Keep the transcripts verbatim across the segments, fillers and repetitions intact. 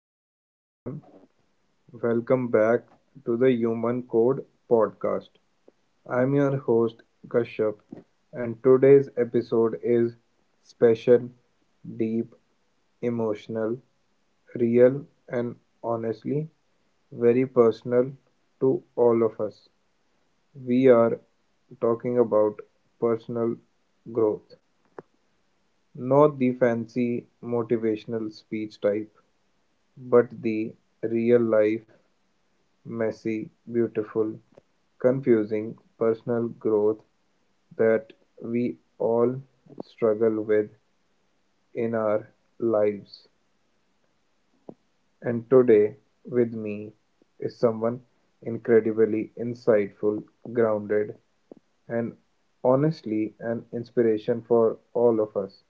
Hey everyone, welcome back to the Human Code podcast. I'm your host Kashyap, and today's episode is special, deep, emotional, real, and honestly very personal to all of us. We are talking about personal growth, not the fancy motivational speech type, but the real life messy, beautiful, confusing personal growth that we all struggle with in our lives. And today, with me, is someone incredibly insightful, grounded, and honestly an inspiration for all of us.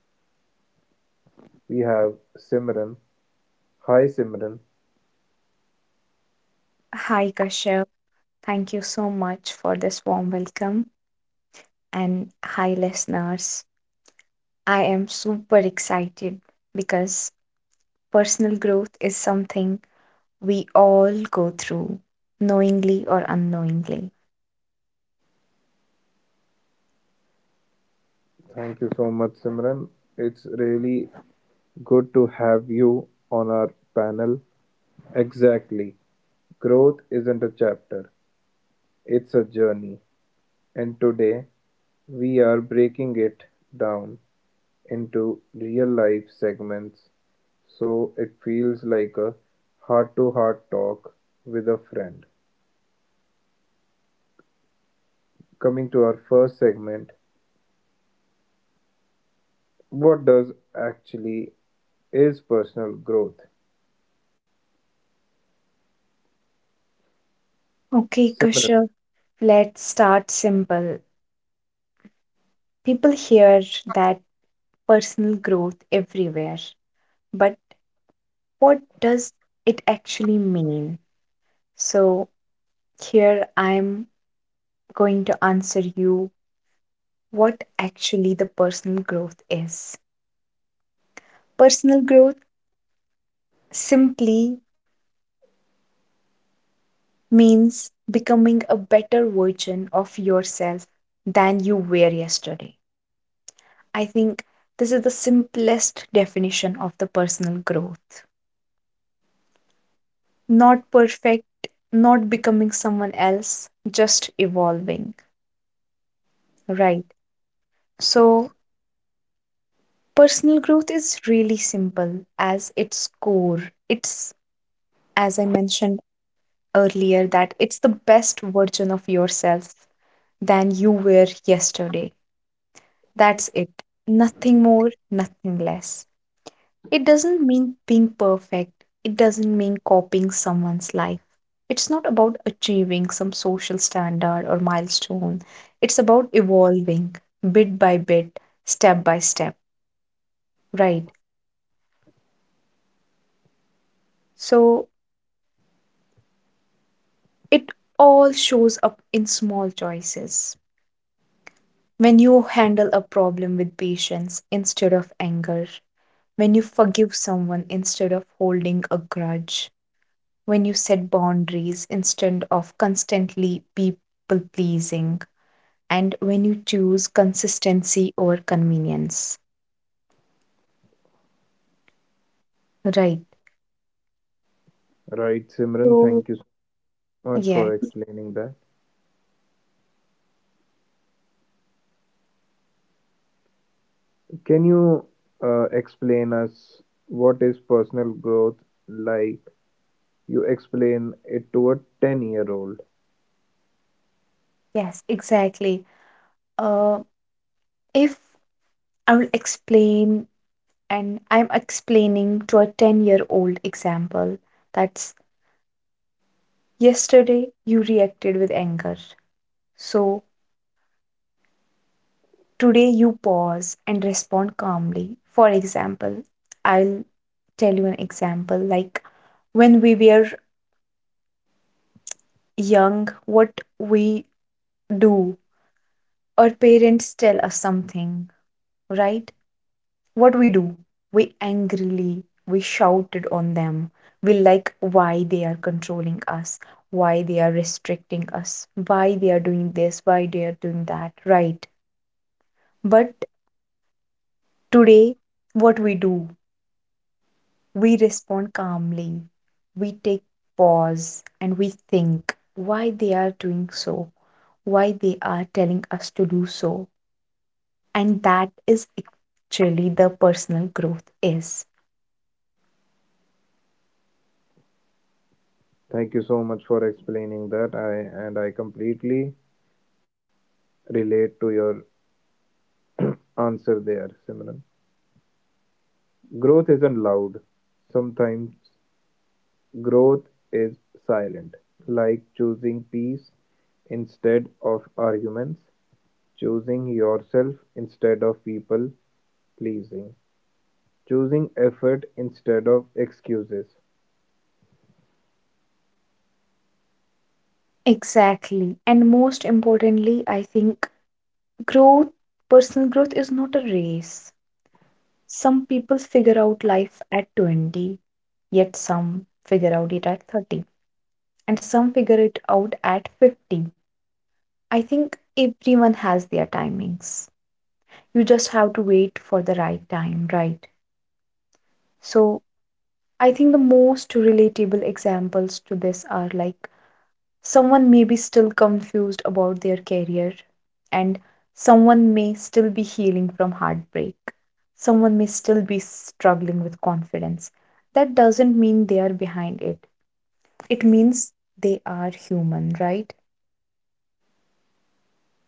We have Simran. Hi, Simran. Hi, Kashyap. Thank you so much for this warm welcome. And hi, listeners. I am super excited because personal growth is something we all go through, knowingly or unknowingly. Thank you so much, Simran. It's really good to have you on our panel. Exactly. Growth isn't a chapter, it's a journey. And today, we are breaking it down into real life segments so it feels like a heart to heart talk with a friend. Coming to our first segment, what does actually is personal growth? Okay, Simran, Kashyap, let's start simple. People hear that personal growth everywhere, but what does it actually mean? So, here I'm going to answer you what actually the personal growth is. Personal growth simply means becoming a better version of yourself than you were yesterday. I think this is the simplest definition of the right? Simran, thank you so much for explaining that. Can you uh, explain us what is personal growth like you explain it to a ten year old? Thank you so much for explaining that. I and I completely relate to your answer there, Simran. Growth isn't loud. Sometimes growth is silent, like choosing peace instead of arguments, choosing yourself instead of people pleasing, choosing effort instead of excuses.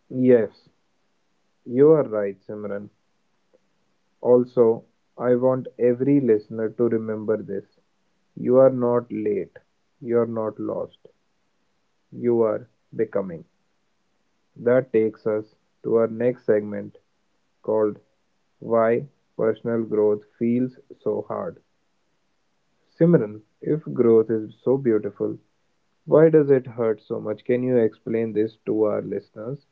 Yes, you are right, Simran. Also, I want every listener to remember this. You are not late. You are not lost. You are becoming. That takes us to our next segment called Why Personal Growth Feels So Hard. Simran, if growth is so beautiful, why does it hurt so much? Can you explain this to our listeners?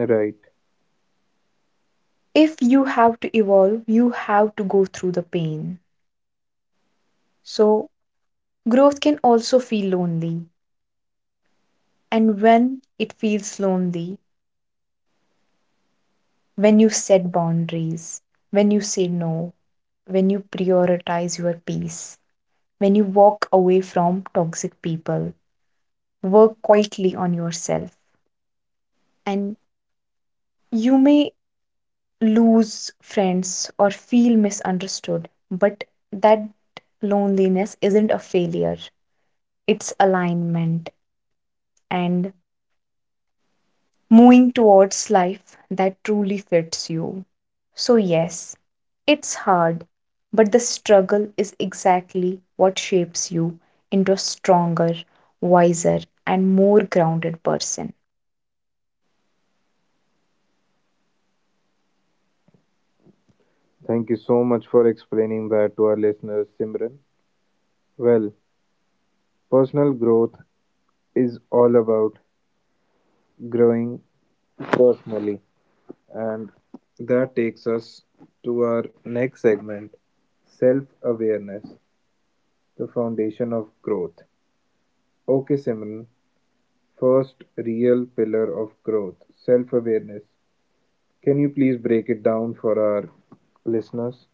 Right. Thank you so much for explaining that to our listeners, Simran. Well, personal growth is all about growing personally, and that takes us to our next segment, self awareness, the foundation of growth. Okay, Simran, first real pillar of growth, self awareness. Can you please break it down for our listeners?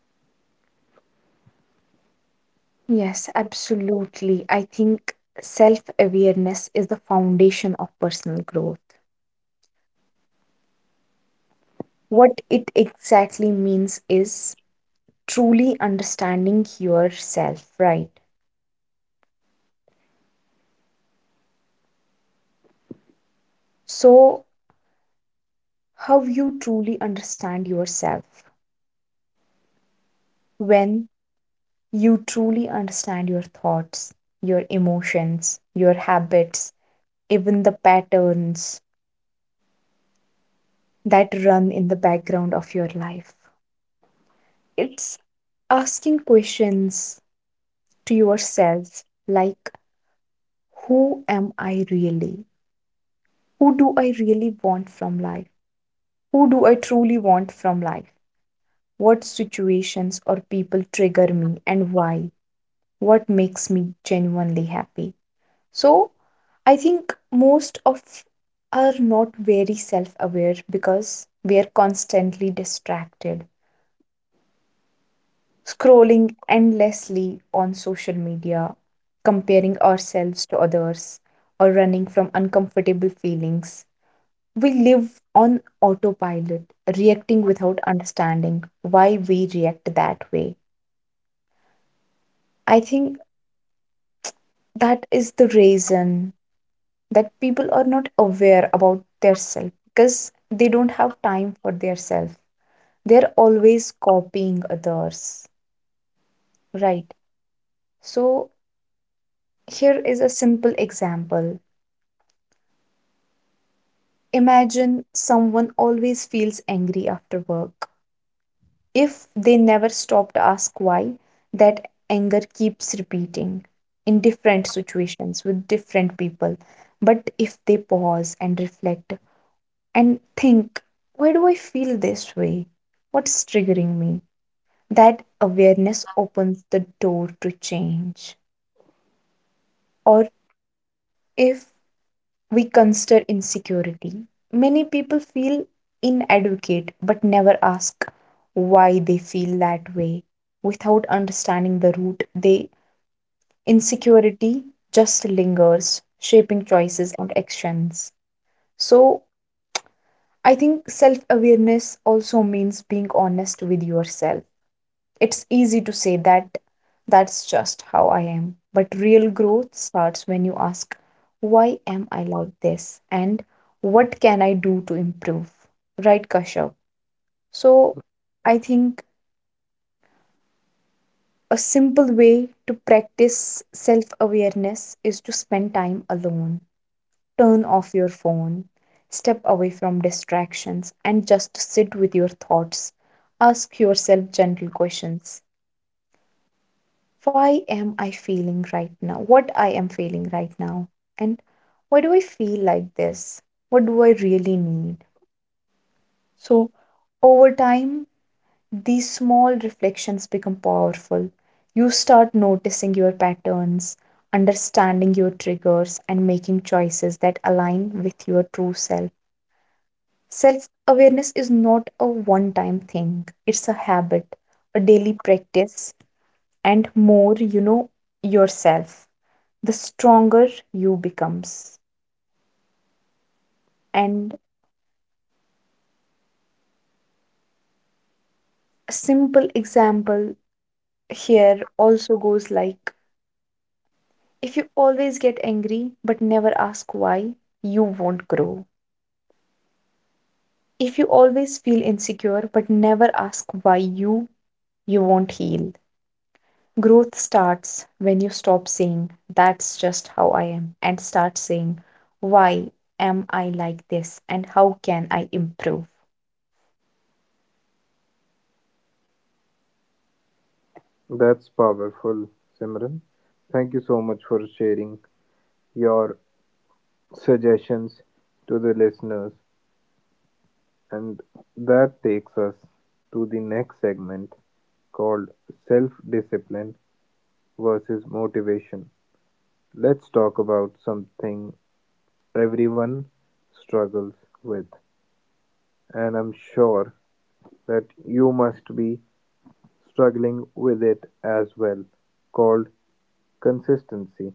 That's powerful, Simran. Thank you so much for sharing your suggestions to the listeners, and that takes us to the next segment called self-discipline versus motivation. Let's talk about something everyone struggles with, and I'm sure that you must be struggling with it as well, called consistency.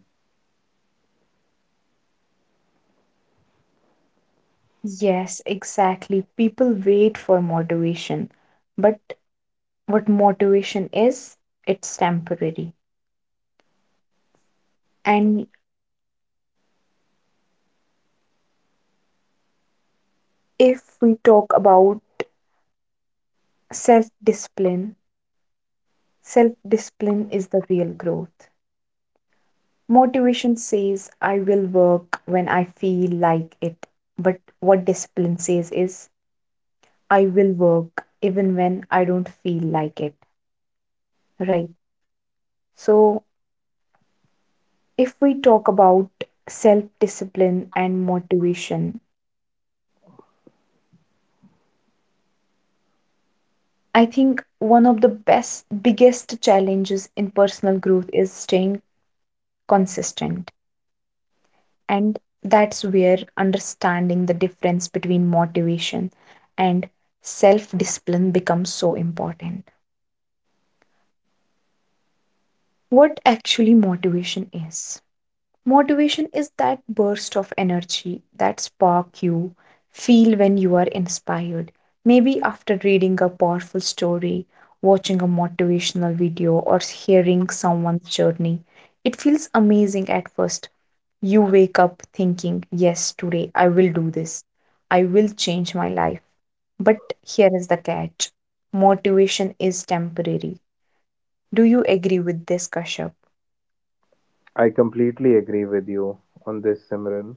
I completely agree with you on this, Simran.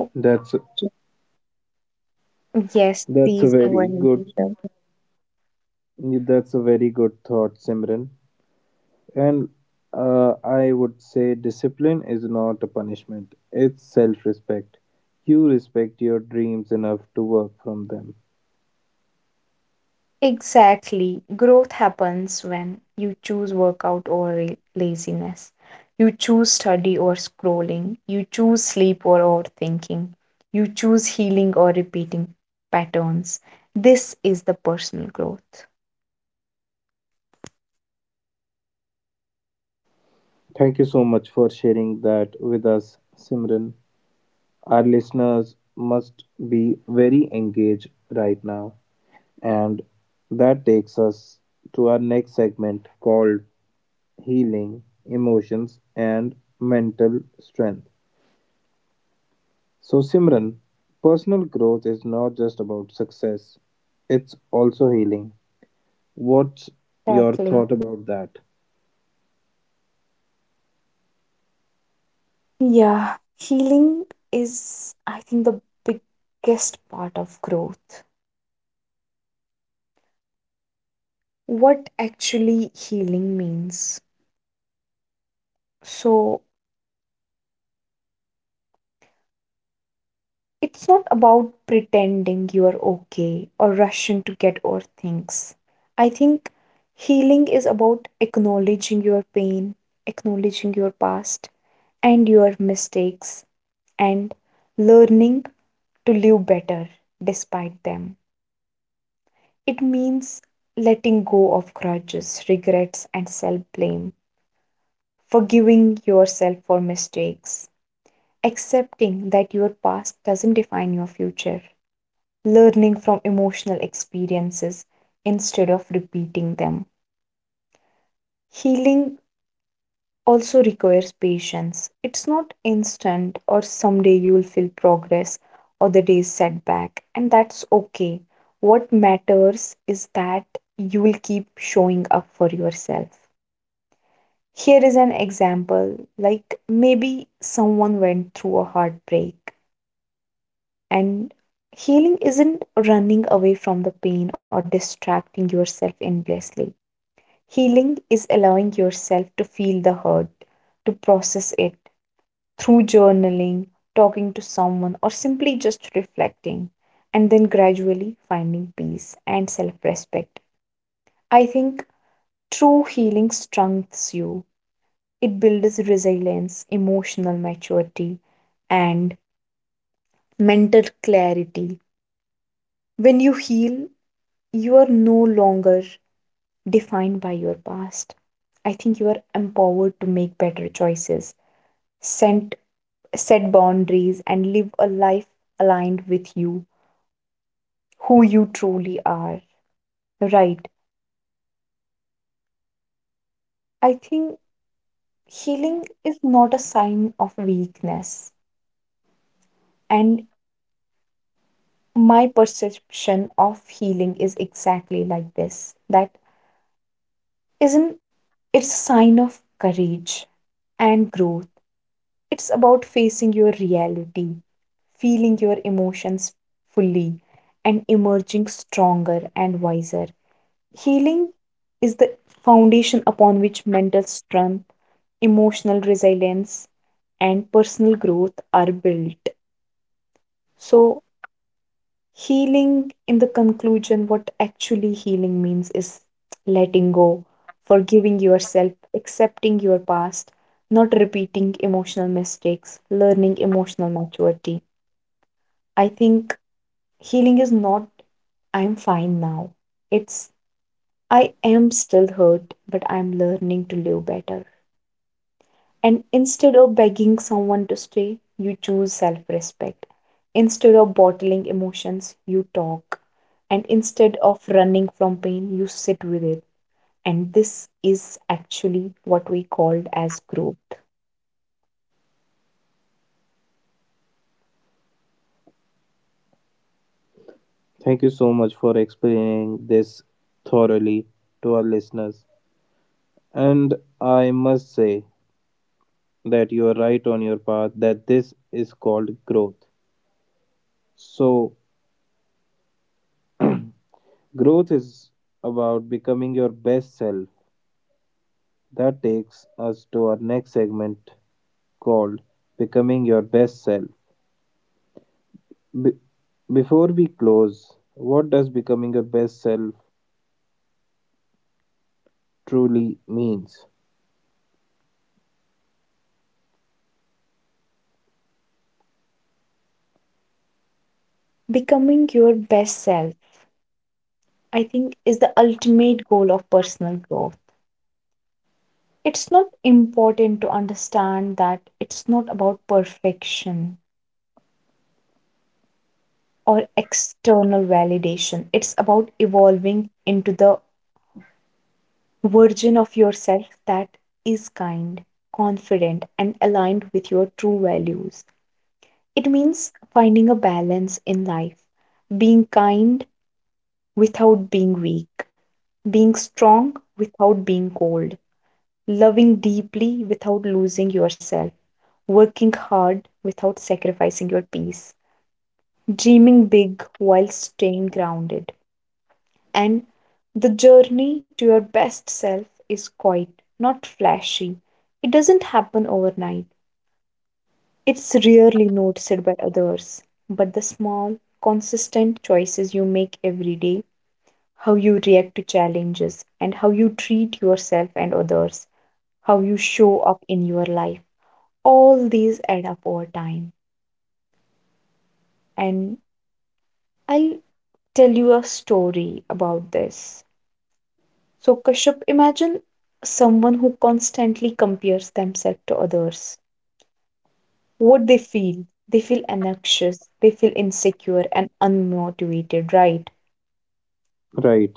That's that's a very good Yeah, that's a very good thought, Simran. And uh, I would say discipline is not a punishment, it's self respect. You respect your dreams enough to work from them. Thank you so much for sharing that with us, Simran. Our listeners must be very engaged right now. And that takes us to our next segment called Healing Emotions and Mental Strength. So, Simran, personal growth is not just about success, it's also healing. What's your thought about that? Thank you so much for explaining this thoroughly to our listeners. And I must say that you are right on your path, that this is called growth. So, growth is about becoming your best self. That takes us to our next segment called Becoming Your Best Self. Before we close, what does becoming your best self truly means? Right.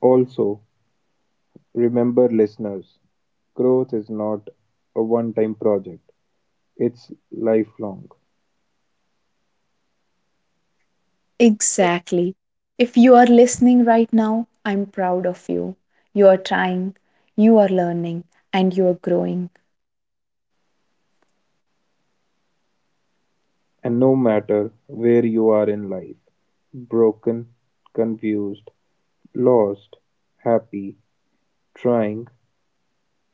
Also, remember listeners, growth is not a one time project, it's lifelong. And no matter where you are in life, broken, confused, lost, happy, trying,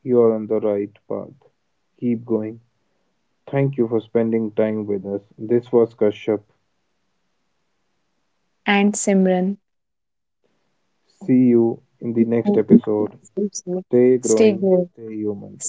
you're on the right path. Keep going. Thank you for spending time with us. This was Kashyap. See you in the next episode. Stay growing, stay human.